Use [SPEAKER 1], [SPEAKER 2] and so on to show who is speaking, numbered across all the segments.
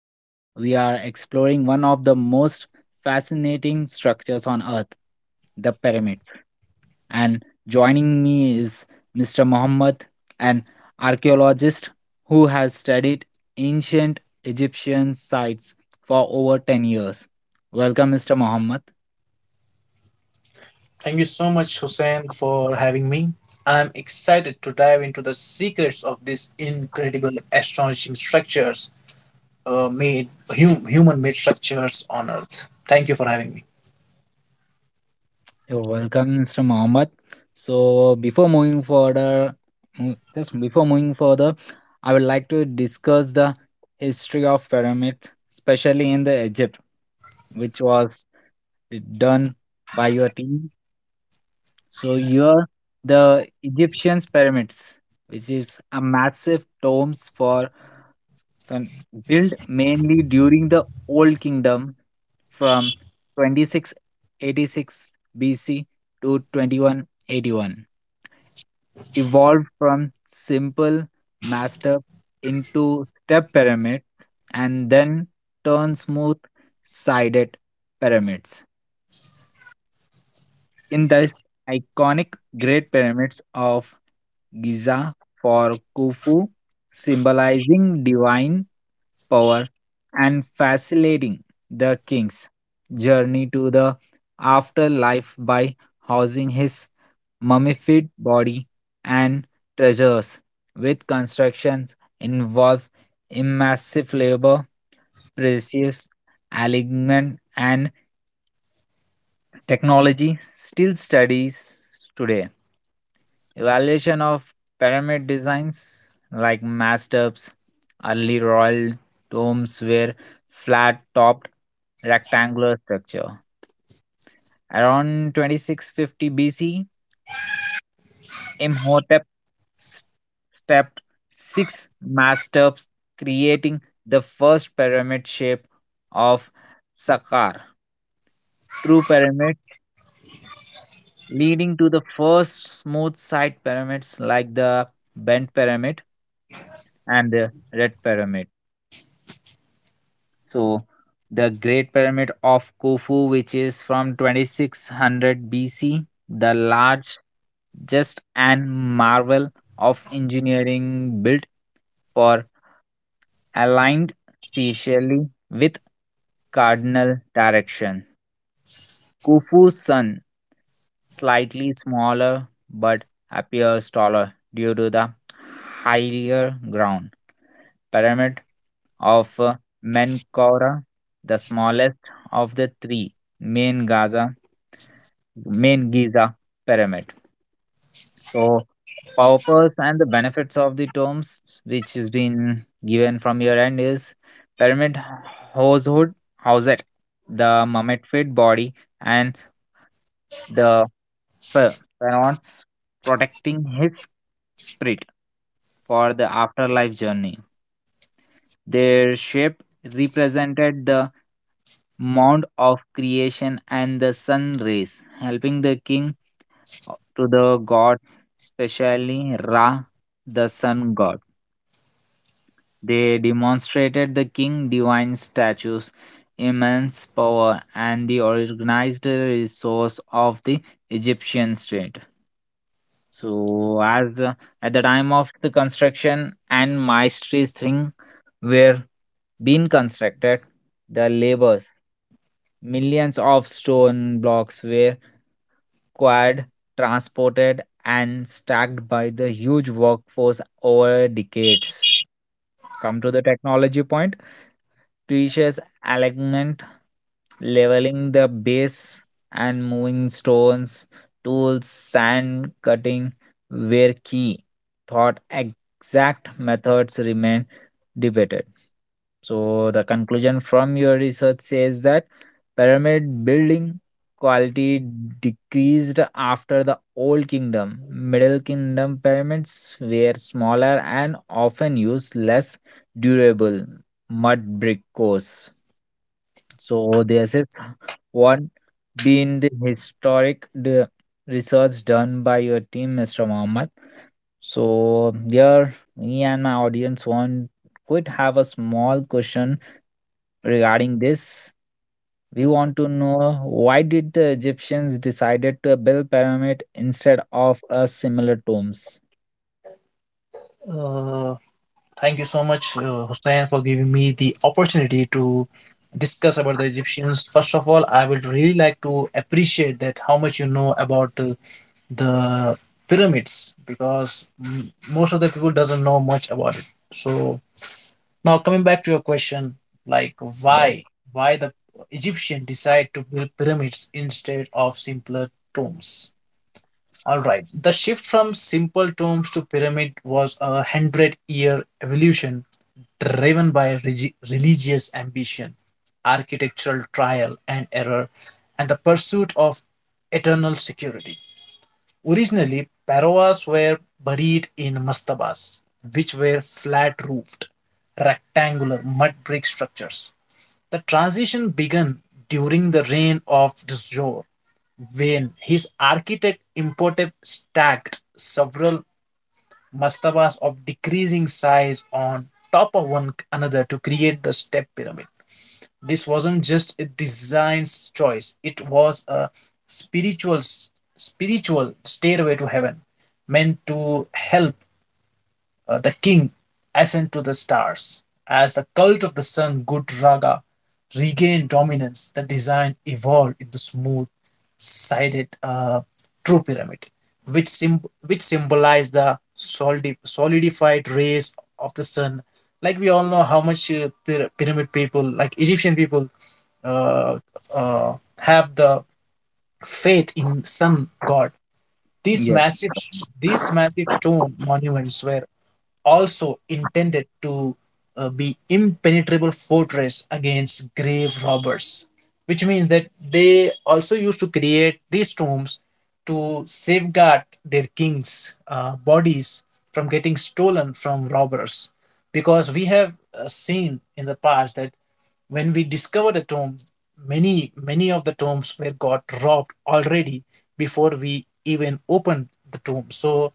[SPEAKER 1] Today we are exploring one of the most fascinating structures on earth, the pyramids. And joining me is Mr. Muhammad, an archaeologist who has studied ancient Egyptian sites for over 10 years. Welcome Mr. Muhammad.
[SPEAKER 2] Thank you so much, Hussein, for having me. I'm excited to dive into the secrets of these incredible astonishing structures, uh, made human-made structures on Earth. Thank you for having me.
[SPEAKER 1] You're welcome, Mr. Mohammed. So, before moving further, just before moving further, I would like to discuss the history of pyramids, especially in the Egypt, which was done by your team. So, here the Egyptians pyramids, which is a massive tombs for and built mainly during the Old Kingdom from 2686 BC to 2181, evolved from simple mass step into step pyramids and then turn smooth sided pyramids in the iconic Great Pyramids of Giza for Khufu, symbolizing divine power and facilitating the king's journey to the afterlife by housing his mummified body and treasures, with constructions involve immersive labor, precious, alignment, and technology still studies today. Evaluation of pyramid designs like masturbs, early royal tombs were flat topped rectangular structure. Around 2650 BC, Imhotep s- stepped six masturbs, creating the first pyramid shape of Saqqar. True pyramid leading to the first smooth side pyramids like the Bent Pyramid and the Red Pyramid. So, the Great Pyramid of Khufu, which is from 2600 BC, the large, just and marvel of engineering built for aligned spatially with cardinal direction. Khufu's son, slightly smaller but appears taller due to the higher ground. Pyramid of Menkaura, the smallest of the three main Gaza, main Giza pyramid. So, purpose and the benefits of the tombs, which has been given from your end, is pyramid household, housed the mummified body and the Fe- Fëanor protecting his spirit for the afterlife journey. Their shape represented the mound of creation and the sun rays, helping the king to the gods, especially Ra, the sun god. They demonstrated the king divine statues, immense power, and the organized resource of the Egyptian state. So as the, at the time of the construction and maestries thing were being constructed, the labors, millions of stone blocks were acquired, transported, and stacked by the huge workforce over decades. Come to the technology point teaches alignment, leveling the base, and moving stones, tools, sand cutting were key. Thought exact methods remain debated. So, the conclusion from your research says that pyramid building quality decreased after the Old Kingdom. Middle Kingdom pyramids were smaller and often used less durable mud brick cores. So, this is one been the historic the research done by your team, Mr. Mohammed. So, here me and my audience want could have a small question regarding this, we want to know why did the Egyptians decided to build pyramid instead of a similar tombs?
[SPEAKER 2] Uh, thank you so much, Hussein, for giving me the opportunity to discuss about the Egyptians. First of all, I would really like to appreciate that how much you know about the pyramids because most of the people doesn't know much about it. So now coming back to your question, like
[SPEAKER 1] Right?
[SPEAKER 2] why why the Egyptian decide to build pyramids instead of simpler tombs? All right, the shift from simple tombs to pyramid was 100-year evolution driven by religious ambition, architectural trial and error, and the pursuit of eternal security. Originally, Parovas were buried in mastabas, which were flat roofed, rectangular mud brick structures. The transition began during the reign of Dzor, when his architect Imhotep stacked several mastabas of decreasing size on top of one another to create the step pyramid. This wasn't just a design choice. It was a spiritual spiritual stairway to heaven meant to help the king ascend to the stars. As the cult of the sun Good Raga regained dominance, the design evolved into smooth sided true pyramid, which symbolized the solidified rays of the sun. Like we all know how much pyramid people, like Egyptian people, uh, uh, have the faith in sun god. These
[SPEAKER 1] Yes.
[SPEAKER 2] massive, these massive stone monuments were also intended to be impenetrable fortress against grave robbers, which means that they also used to create these tombs to safeguard their kings bodies from getting stolen from robbers, because we have seen in the past that when we discovered a tomb, many of the tombs were got robbed already before we even opened the tomb. So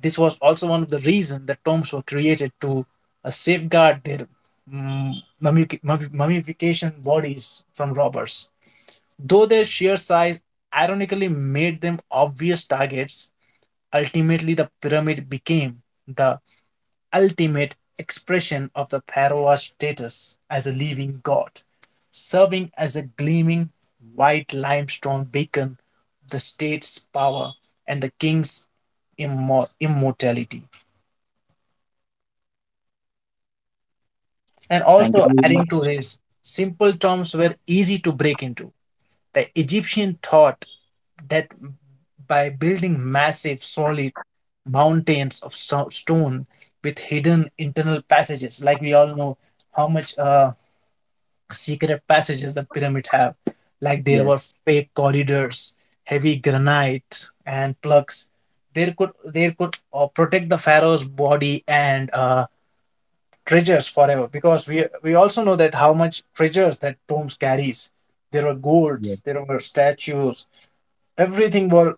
[SPEAKER 2] this was also one of the reasons that tombs were created to safeguard their mm, mummifi- mummification bodies from robbers. Though their sheer size ironically made them obvious targets, ultimately the pyramid became the ultimate expression of the pharaoh's status as a living god, serving as a gleaming white limestone beacon of the state's power and the king's immortality. And
[SPEAKER 1] Thank you
[SPEAKER 2] also
[SPEAKER 1] very much.
[SPEAKER 2] adding to his simple terms were easy to break into. The Egyptian thought that by building massive solid mountains of stone with hidden internal passages, like we all know how much secret passages the pyramid have, like there
[SPEAKER 1] Yes.
[SPEAKER 2] were fake corridors, heavy granite and plugs. There could protect the pharaoh's body and treasures forever, because we also know that how much treasures that tombs carries. There were
[SPEAKER 1] Yes.
[SPEAKER 2] golds, there were statues, everything were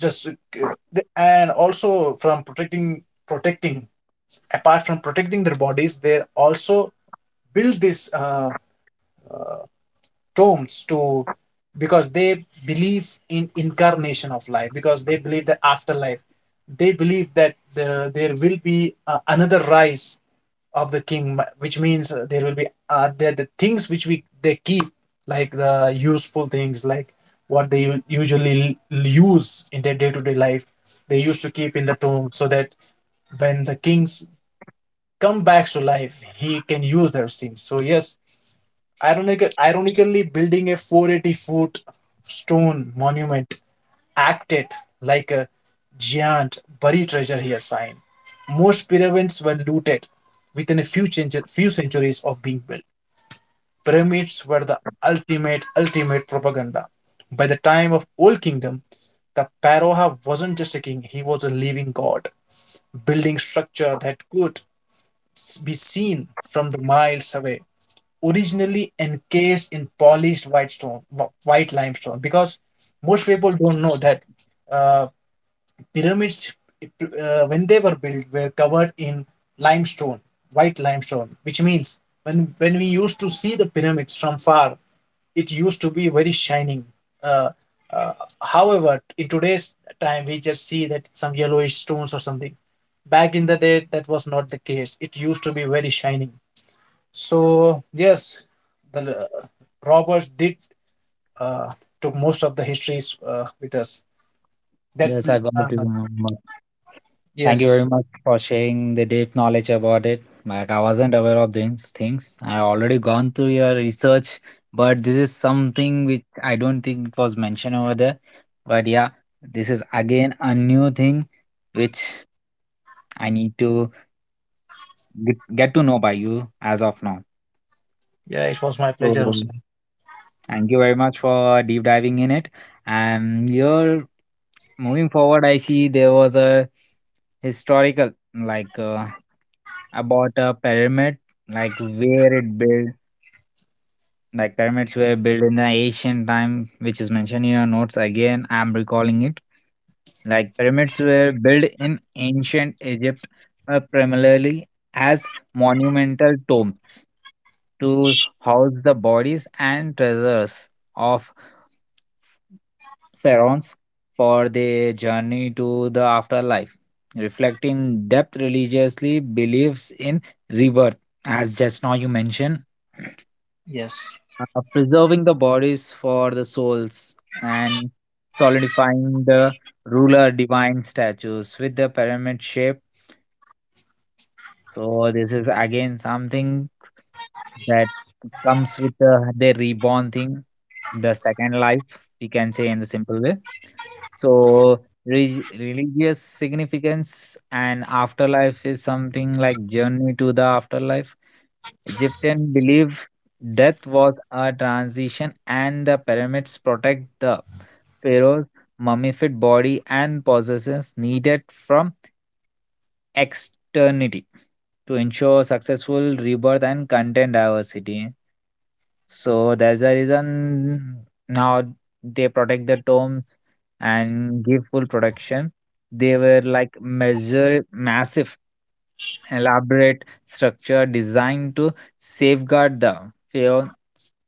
[SPEAKER 2] just and also, from protecting apart from protecting their bodies, they also build these tombs to, because they believe in incarnation of life, because they believe that afterlife, they believe that there will be another rise of the king, which means there will be there the things which we they keep, like the useful things, like what they usually use in their day-to-day life, they used to keep in the tomb so that when the kings come back to life he can use those things. So yes, ironically building a 480-foot stone monument act it like a giant buried treasure he assigned. Most pyramids were looted within few centuries of being built. Pyramids were the ultimate propaganda. By the time of Old Kingdom, the pharaoh wasn't just a king, he was a living god, building structure that could be seen from the miles away. Originally encased in polished white stone, white limestone, because most people don't know that uh, pyramids, when they were built, were covered in limestone, white limestone, which means when we used to see the pyramids from far, it used to be very shining. uh, uh, However, in today's time we just see that some yellowish stones or something. Back in the day that was not the case, it used to be very shining. So yes, the robbers did uh, took most of the histories with us, that
[SPEAKER 1] Yes, I got
[SPEAKER 2] uh,
[SPEAKER 1] to remember. Thank you very
[SPEAKER 2] yes.
[SPEAKER 1] much for sharing the deep knowledge about it. Like I wasn't aware of these things. I already gone through your research, but this is something which I don't think it was mentioned over there. But yeah, this is again a new thing which I need to get to know by you as of now.
[SPEAKER 2] Yeah, it was my
[SPEAKER 1] So
[SPEAKER 2] pleasure, Hussein.
[SPEAKER 1] thank you very much for deep diving in it. And here moving forward, I see there was a historical about a pyramid, like where it built. Like pyramids were built in the ancient time, which is mentioned in your notes again. I'm recalling it. Like pyramids were built in ancient Egypt, primarily as monumental tombs to house the bodies and treasures of pharaohs for their journey to the afterlife, reflecting depth religiously beliefs in rebirth, as just now you mentioned
[SPEAKER 2] Yes,
[SPEAKER 1] preserving the bodies for the souls and solidifying the ruler divine statues with the pyramid shape. So this is again something that comes with the reborn thing, the second life, we can say in the simple way. So religious significance and afterlife is something like journey to the afterlife. Egyptian belief death was a transition and the pyramids protect the pharaoh's mummified body and possessions needed from externity to ensure successful rebirth and content diversity, so there's a reason now they protect the tombs and give full protection. They were like measure massive, elaborate structure designed to safeguard the pharaoh's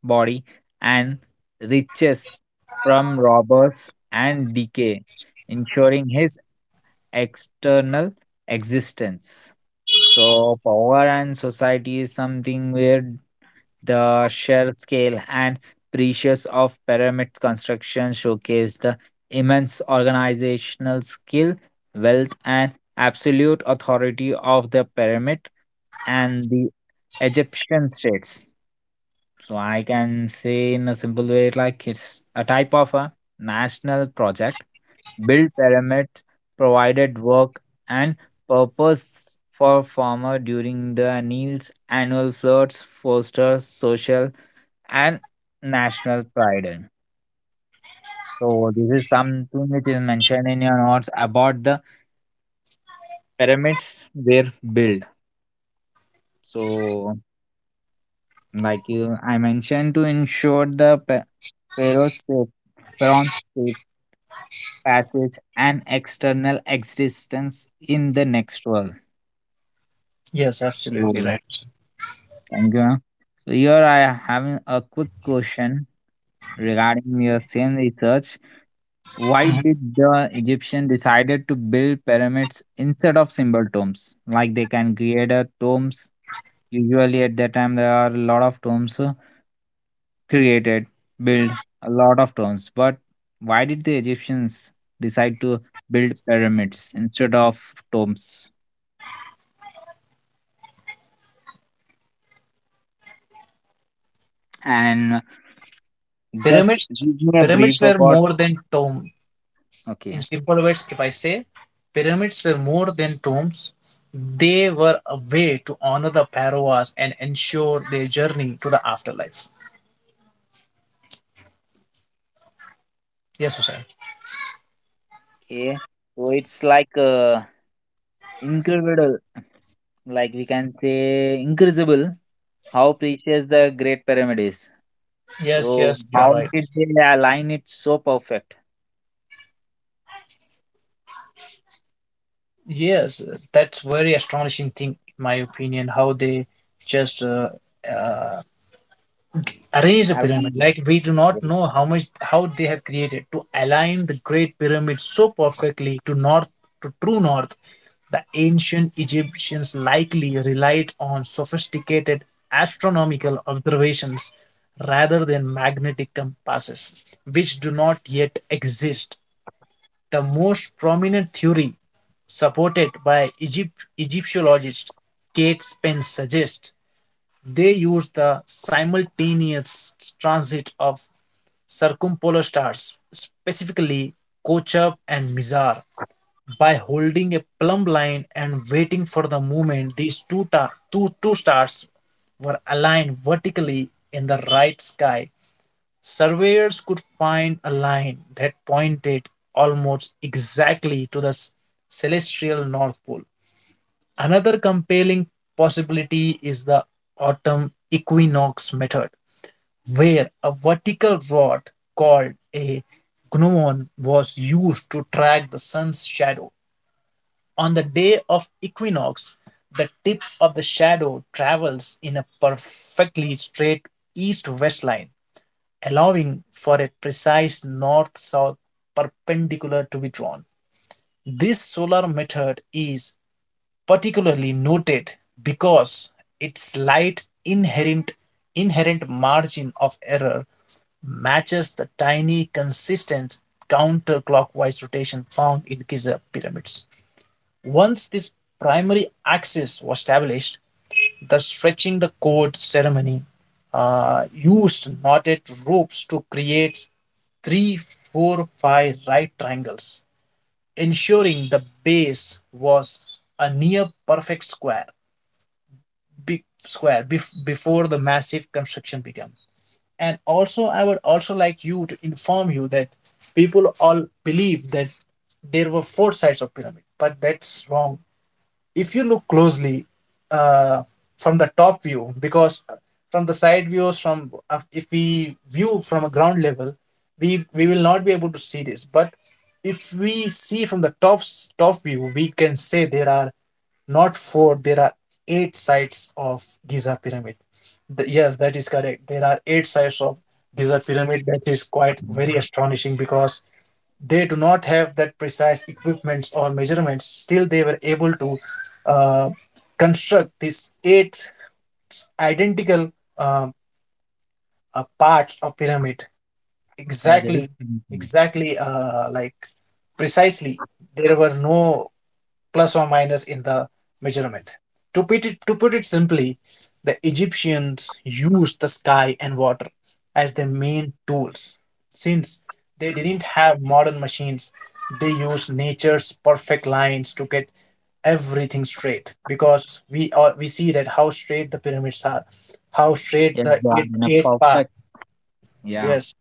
[SPEAKER 1] body and riches from robbers and decay, ensuring his external existence. So power and society is something where the sheer scale and precious of pyramid construction showcase the immense organizational skill, wealth, and absolute authority of the pyramid and the Egyptian states. So I can say in a simple way, like it's a type of a national project. Build pyramid provided work and purpose for farmer during the Nile's annual floods, foster social and national pride in. So this is something which is mentioned in your notes about the pyramids their build. So like you, I mentioned to ensure the pharaoh's safe, pharaoh's safe passage and external existence in the next world.
[SPEAKER 2] yes, absolutely
[SPEAKER 1] So,
[SPEAKER 2] right.
[SPEAKER 1] thank you, ma'am. So here I am having a quick question regarding your same research. Why
[SPEAKER 2] Mhm.
[SPEAKER 1] did the Egyptian decided to build pyramids instead of simple tombs? Like they can create a tombs. Usually at that time there are a lot of tombs created, build a lot of tombs. But why did the Egyptians decide to build pyramids instead of tombs? And just
[SPEAKER 2] Pyramids,
[SPEAKER 1] give me a
[SPEAKER 2] pyramids
[SPEAKER 1] brief
[SPEAKER 2] were
[SPEAKER 1] about.
[SPEAKER 2] more than tomb. In
[SPEAKER 1] Okay.
[SPEAKER 2] simple words, if I say, pyramids were more than tombs. They were a way to honor the pharaohs and ensure their journey to the afterlife. Yes, Hussein.
[SPEAKER 1] Okay. So it's like incredible, like we can say incredible how precious the Great Pyramid is.
[SPEAKER 2] Yes,
[SPEAKER 1] So
[SPEAKER 2] yes, you're
[SPEAKER 1] how
[SPEAKER 2] right.
[SPEAKER 1] did they align it so perfect?
[SPEAKER 2] Yes, that's very astonishing thing, in my opinion, how they just uh, arrange the
[SPEAKER 1] I don't
[SPEAKER 2] pyramid,
[SPEAKER 1] know.
[SPEAKER 2] like we do not
[SPEAKER 1] Yeah.
[SPEAKER 2] know how much how they have created to align the great pyramid so perfectly to true north. The ancient Egyptians likely relied on sophisticated astronomical observations rather than magnetic compasses, which do not yet exist. The most prominent theory, supported by egyptologists Kate Spence, suggests they use the simultaneous transit of circumpolar stars, specifically Kochab and Mizar. By holding a plumb line and waiting for the moment these two stars were aligned vertically in the right sky, surveyors could find a line that pointed almost exactly to the celestial North Pole. Another compelling possibility is the autumn equinox method, where a vertical rod called a gnomon was used to track the sun's shadow. On the day of equinox, the tip of the shadow travels in a perfectly straight east west line, allowing for a precise north south perpendicular to be drawn. This solar method is particularly noted because its slight inherent margin of error matches the tiny consistent counterclockwise rotation found in Giza pyramids. Once this primary axis was established, the stretching the cord ceremony used knotted ropes to create 3-4-5 right triangles, ensuring the base was a near perfect square, before the massive construction began. And also, I would also like you to inform you that people all believe that there were four sides of pyramid, but that's wrong. If you look closely uh, from the top view, because from the side views, from if we view from a ground level, we will not be able to see this. But if we see from the top view, we can say there are not four, there are eight sides of Giza pyramid. Yes, that is correct, there are eight sides of Giza pyramid. That is quite very astonishing, because they do not have that precise equipments or measurements, still they were able to uh, construct these eight identical um, parts of pyramid
[SPEAKER 1] Yeah, this
[SPEAKER 2] exactly.
[SPEAKER 1] is
[SPEAKER 2] exactly uh, like Precisely, there were no plus or minus in the measurement. To put it simply, the Egyptians used the sky and water as their main tools. Since they
[SPEAKER 1] okay.
[SPEAKER 2] didn't have modern machines, they used nature's perfect lines to get everything straight. Because we are, we see that how straight the pyramids are, how straight
[SPEAKER 1] Yes,
[SPEAKER 2] the
[SPEAKER 1] you are
[SPEAKER 2] eight
[SPEAKER 1] in a
[SPEAKER 2] eight part.
[SPEAKER 1] perfect. Yeah,
[SPEAKER 2] Yes,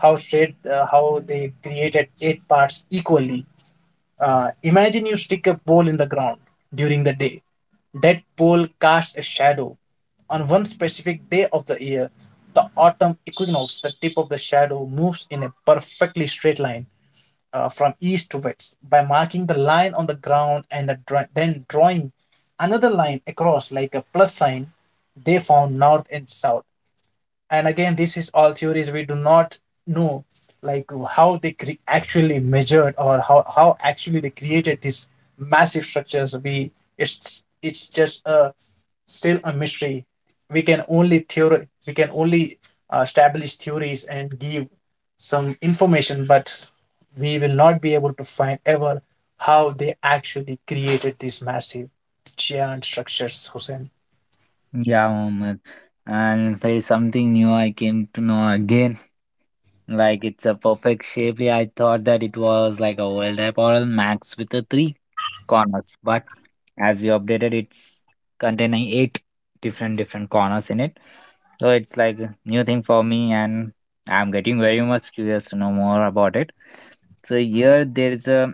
[SPEAKER 2] how straight, how they created eight parts equally. Imagine you stick a pole in the ground during the day. That pole casts a shadow. On one specific day of the year, the autumn equinox, the tip of the shadow moves in a perfectly straight line from east to west. By marking the line on the ground and then drawing another line across like a plus sign, they found north and south. And again, this is all theories. We do not know, like, how they actually measured, or how actually they created these massive structures. We It's just a, still a mystery. We can only establish theories and give some information, but we will not be able to find ever how they actually created these massive giant structures, Hussein.
[SPEAKER 1] yeah, moment. And say something new I came to know again. Like it's a perfect shape. Yeah, I thought that it was like a world apparel max with the three corners, but as you updated, it's containing eight different corners in it. So it's like a new thing for me, and I'm getting very much curious to know more about it. So here there is a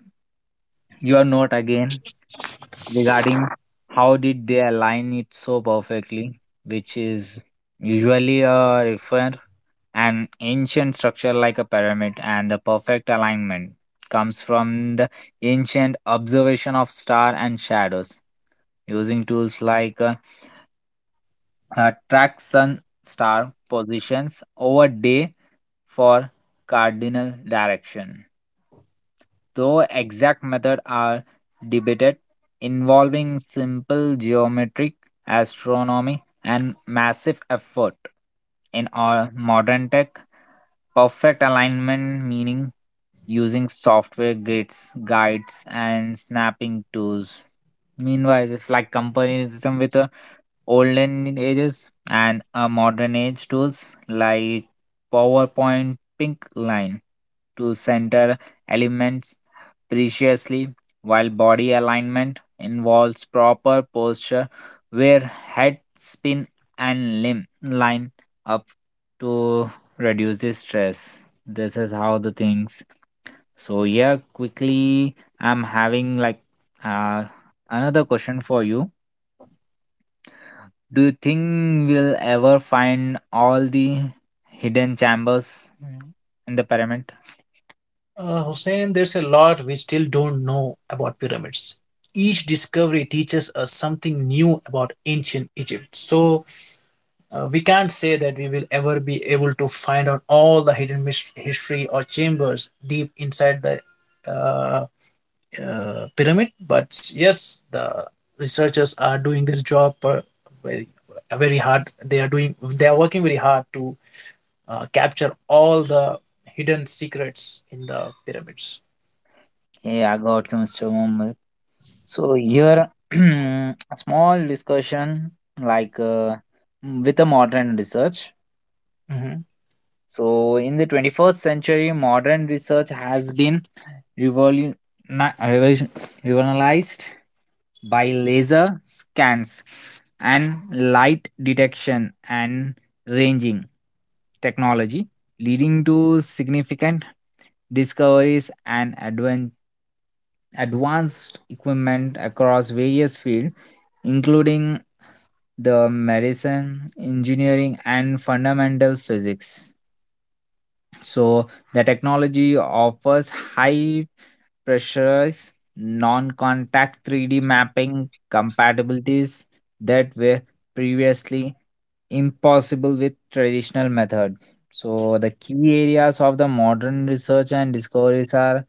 [SPEAKER 1] you are not again regarding how did they align it so perfectly, which is usually a refer an ancient structure like a pyramid, and the perfect alignment comes from the ancient observation of star and shadows using tools like track sun star positions over day for cardinal direction though exact methods are debated, involving simple geometric astronomy and massive effort. In our modern tech, perfect alignment meaning using software grids, guides, and snapping tools. Meanwhile, it's like comparison with olden ages and modern age tools like PowerPoint pink line to center elements preciously, while body alignment involves proper posture where head spin and limb line up to reduce the stress. This is how the things. So yeah, quickly I'm having uh, another question for you. Do you think we'll ever find all the hidden chambers in the pyramid?
[SPEAKER 2] Hussein, there's a lot we still don't know about pyramids. Each discovery teaches us something new about ancient Egypt. So we can't say that we will ever be able to find out all the hidden history or chambers deep inside the uh, pyramid. But yes, the researchers are doing their job very, very hard. They are doing. They are working very hard to capture all the hidden secrets in the pyramids.
[SPEAKER 1] Okay, I got you, Mr. Muhammad. So here, a small discussion like uh, with the modern research.
[SPEAKER 2] Mhm.
[SPEAKER 1] So in the 21st century, modern research has been revolu- na- revolution- revolutionized by laser scans and light detection and ranging technology, leading to significant discoveries and advanced equipment across various fields, including the medicine, engineering, and fundamental physics. So the technology offers high pressures, non-contact 3D mapping compatibilities that were previously impossible with traditional method. So the key areas of the modern research and discoveries are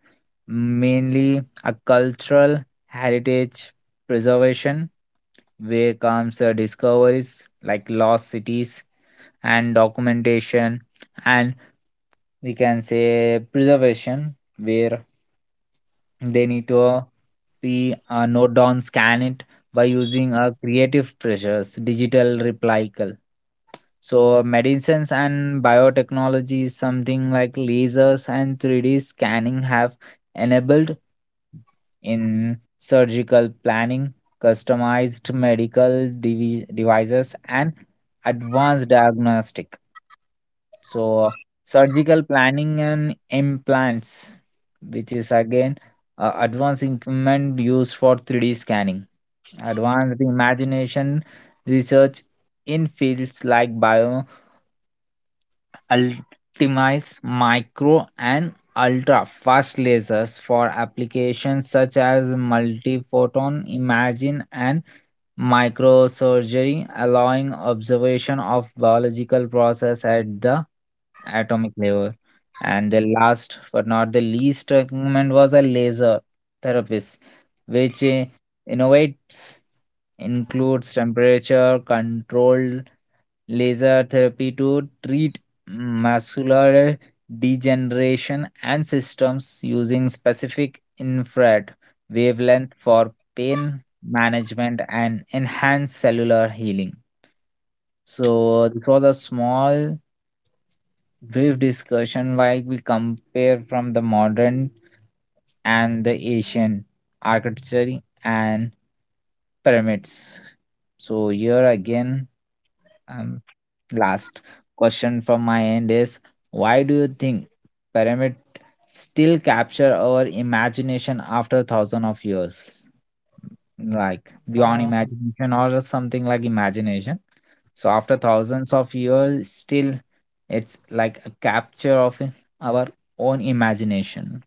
[SPEAKER 1] mainly a cultural heritage preservation, where comes discoveries like lost cities, and documentation and we can say preservation where they need to be note down scan it by using creative pressures digital replical. So medicines and biotechnology something like lasers and 3D scanning have enabled in surgical planning customized medical devices and advanced diagnostic. So surgical planning and implants, which is again advanced equipment used for 3D scanning, advanced imagination research in fields like bio ultimize micro and ultra fast lasers for applications such as multiphoton imaging and microsurgery allowing observation of biological process at the atomic level. And the last but not the least recommend was a laser therapist, which innovates includes temperature controlled laser therapy to treat muscular degeneration and systems using specific infrared wavelength for pain management and enhanced cellular healing. So, this was a small, brief discussion while we compare from the modern and the Asian architecture and pyramids. So, here again, Um, last question from my end is why do you think pyramid still capture our imagination after thousand of years? Like beyond
[SPEAKER 2] Uh,
[SPEAKER 1] imagination or something like imagination. So after thousands of years, still it's like a capture of our own imagination.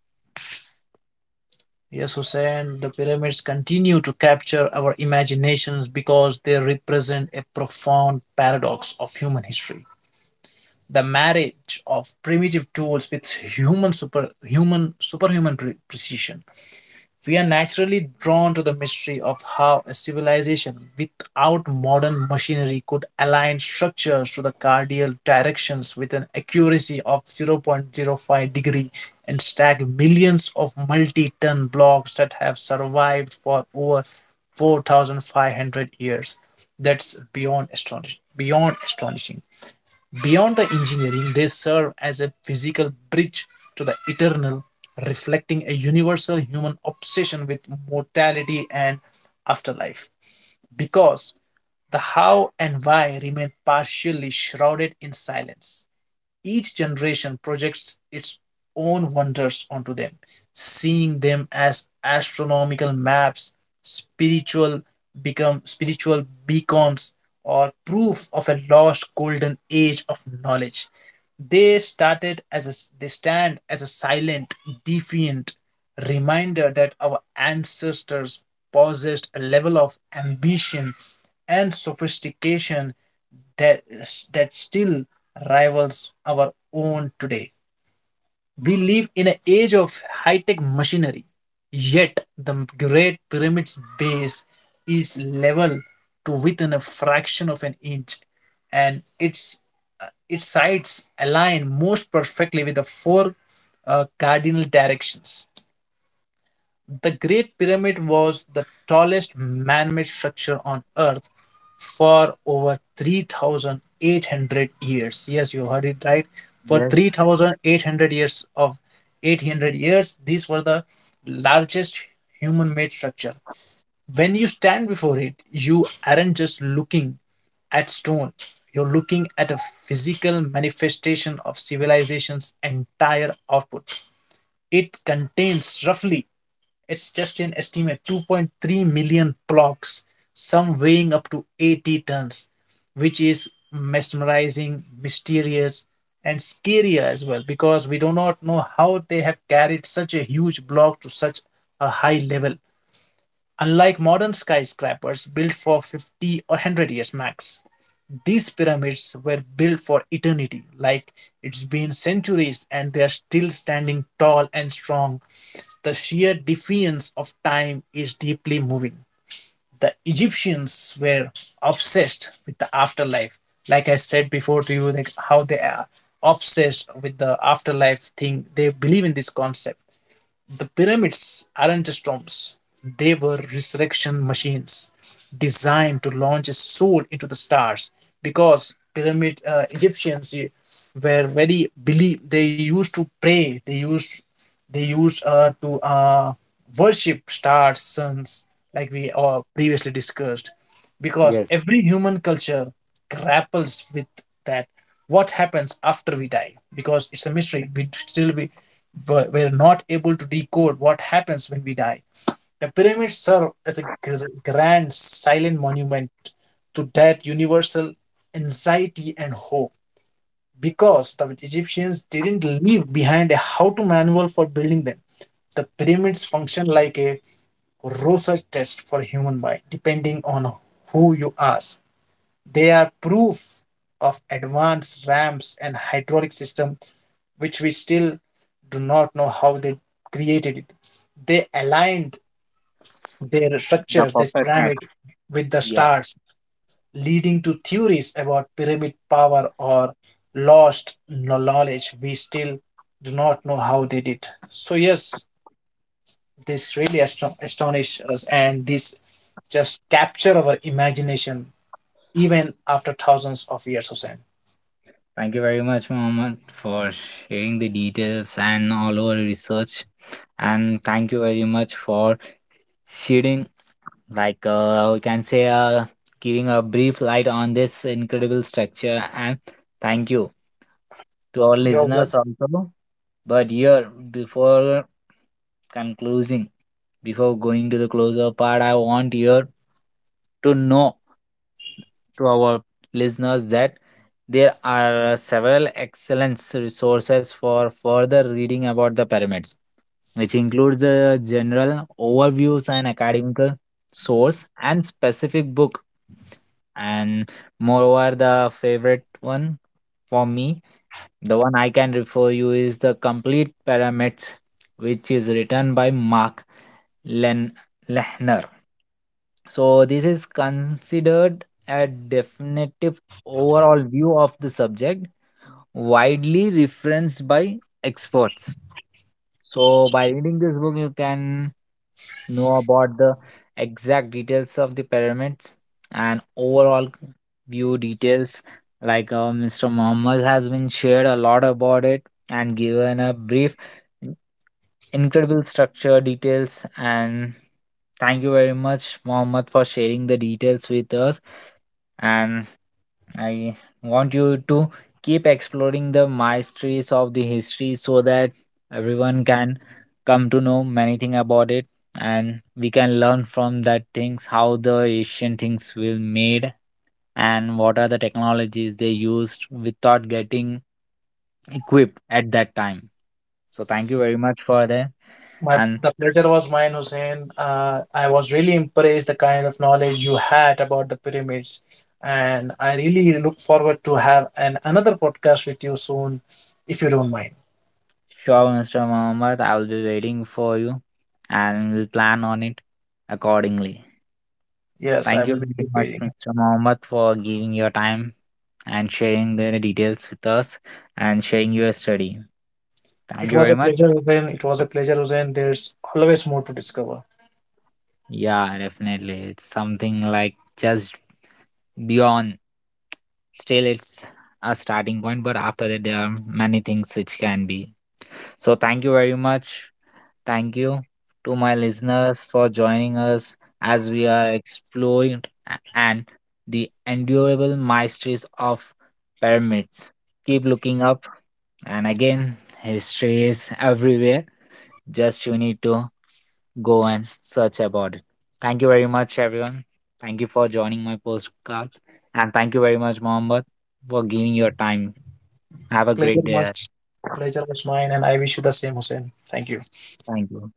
[SPEAKER 2] yes, Hussein, the pyramids continue to capture our imaginations because they represent a profound paradox of human history. The marriage of primitive tools with human super human superhuman precision. We are naturally drawn to the mystery of how a civilization without modern machinery could align structures to the cardinal directions with an accuracy of zero point zero 0.05 degree and stack millions of multi-ton blocks that have survived for over 4,500 years. That's beyond astonishing. Beyond astonishing. Beyond the engineering, they serve as a physical bridge to the eternal, reflecting a universal human obsession with mortality and afterlife. Because the how and why remain partially shrouded in silence. Each generation projects its own wonders onto them, seeing them as astronomical maps, spiritual spiritual beacons, or proof of a lost golden age of knowledge. They started as a, they stand as a silent, defiant reminder that our ancestors possessed a level of ambition and sophistication that that still rivals our own today. We live in an age of high-tech machinery, yet the Great Pyramid's base is level to within a fraction of an inch, and its sides align most perfectly with the four cardinal directions. The Great Pyramid was the tallest man made structure on Earth for over 3,800 years. Yes, you heard it right. For
[SPEAKER 1] Yes,
[SPEAKER 2] 3,800 years, these were the largest human made structure. When you stand before it, you aren't just looking at stone, you're looking at a physical manifestation of civilization's entire output. It contains, roughly, it's just an estimate, 2.3 million blocks, some weighing up to 80 tons, which is mesmerizing, mysterious, and scary as well, because we do not know how they have carried such a huge block to such a high level. Unlike modern skyscrapers built for 50 or 100 years max, these pyramids were built for eternity. Like, it's been centuries and they are still standing tall and strong. The sheer defiance of time is deeply moving. The Egyptians were obsessed with the afterlife. Like I said before to you, like how they are obsessed with the afterlife thing. They believe in this concept. The pyramids aren't just tombs, they were resurrection machines designed to launch a soul into the stars, because pyramid Egyptians eh, were very believe they used to pray, they used to worship stars, suns, like we previously discussed, because
[SPEAKER 1] yes,
[SPEAKER 2] every human culture grapples with that. What happens after we die? Because it's a mystery. We were not able to decode what happens when we die. The pyramids serve as a grand silent monument to that universal anxiety and hope, because the Egyptians didn't leave behind a how to manual for building them. The pyramids function like a Rorschach test for human mind, depending on who you ask. They are proof of advanced ramps and hydraulic system, which we still do not know how they created it. They aligned their
[SPEAKER 1] the
[SPEAKER 2] structures, this
[SPEAKER 1] perfect match.
[SPEAKER 2] pyramid, with the
[SPEAKER 1] Yeah.
[SPEAKER 2] stars, leading to theories about pyramid power or lost knowledge. We still do not know how they did. So yes, this really astonish us, and this just capture our imagination even after thousands of years, Hussein.
[SPEAKER 1] Thank you very much, Mohammed, for sharing the details and all our research. And thank you very much for shedding we can say giving a brief light on this incredible structure, and thank you to our
[SPEAKER 2] Your are
[SPEAKER 1] listeners also. But here before concluding, before going to the closer part, I want you to know to our listeners that there are several excellent resources for further reading about the pyramids, which includes the general overviews and academic source and specific book. And moreover, the favorite one for me, the one I can refer you is the complete pyramids, which is written by Mark Len- Lehner. So this is considered a definitive overall view of the subject, widely referenced by experts. So, by reading this book, you can know about the exact details of the pyramids and overall view details. Like Mr. Muhammad has been shared a lot about it and given a brief, incredible structure details. And thank you very much, Muhammad, for sharing the details with us. And I want you to keep exploring the mysteries of the history so that everyone can come to know many things about it, and we can learn from that things how the asian things will made and what are the technologies they used without getting equipped at that time. So thank you very much for that.
[SPEAKER 2] my
[SPEAKER 1] And
[SPEAKER 2] The pleasure was mine, Hussein. I was really impressed the kind of knowledge you had about the pyramids, and I really look forward to have an another podcast with you soon, if you don't mind.
[SPEAKER 1] sure, Mr. Mohammed, I will be waiting for you, and we'll plan on it accordingly.
[SPEAKER 2] Yes, I
[SPEAKER 1] Thank you
[SPEAKER 2] will be
[SPEAKER 1] very
[SPEAKER 2] keep
[SPEAKER 1] much,
[SPEAKER 2] waiting.
[SPEAKER 1] Mr. Mohammed, for giving your time and sharing the details with us and sharing your study. Thank
[SPEAKER 2] It
[SPEAKER 1] you
[SPEAKER 2] was a
[SPEAKER 1] very much.
[SPEAKER 2] pleasure, Hussein. It was a pleasure, Hussein. There's always more to discover.
[SPEAKER 1] Yeah, definitely. It's something like just beyond. Still, it's a starting point, but after that, there are many things which can be. So, thank you very much. Thank you to my listeners for joining us as we are exploring and the endurable mysteries of pyramids. Keep looking up, and again, history is everywhere. Just you need to go and search about it. Thank you very much, everyone. Thank you for joining my postcard. And thank you very much, Mohammed, for giving your time. Have a great
[SPEAKER 2] Pleasure
[SPEAKER 1] day.
[SPEAKER 2] much. Pleasure was mine, and I wish you the same, Hussein. Thank you.
[SPEAKER 1] Thank you.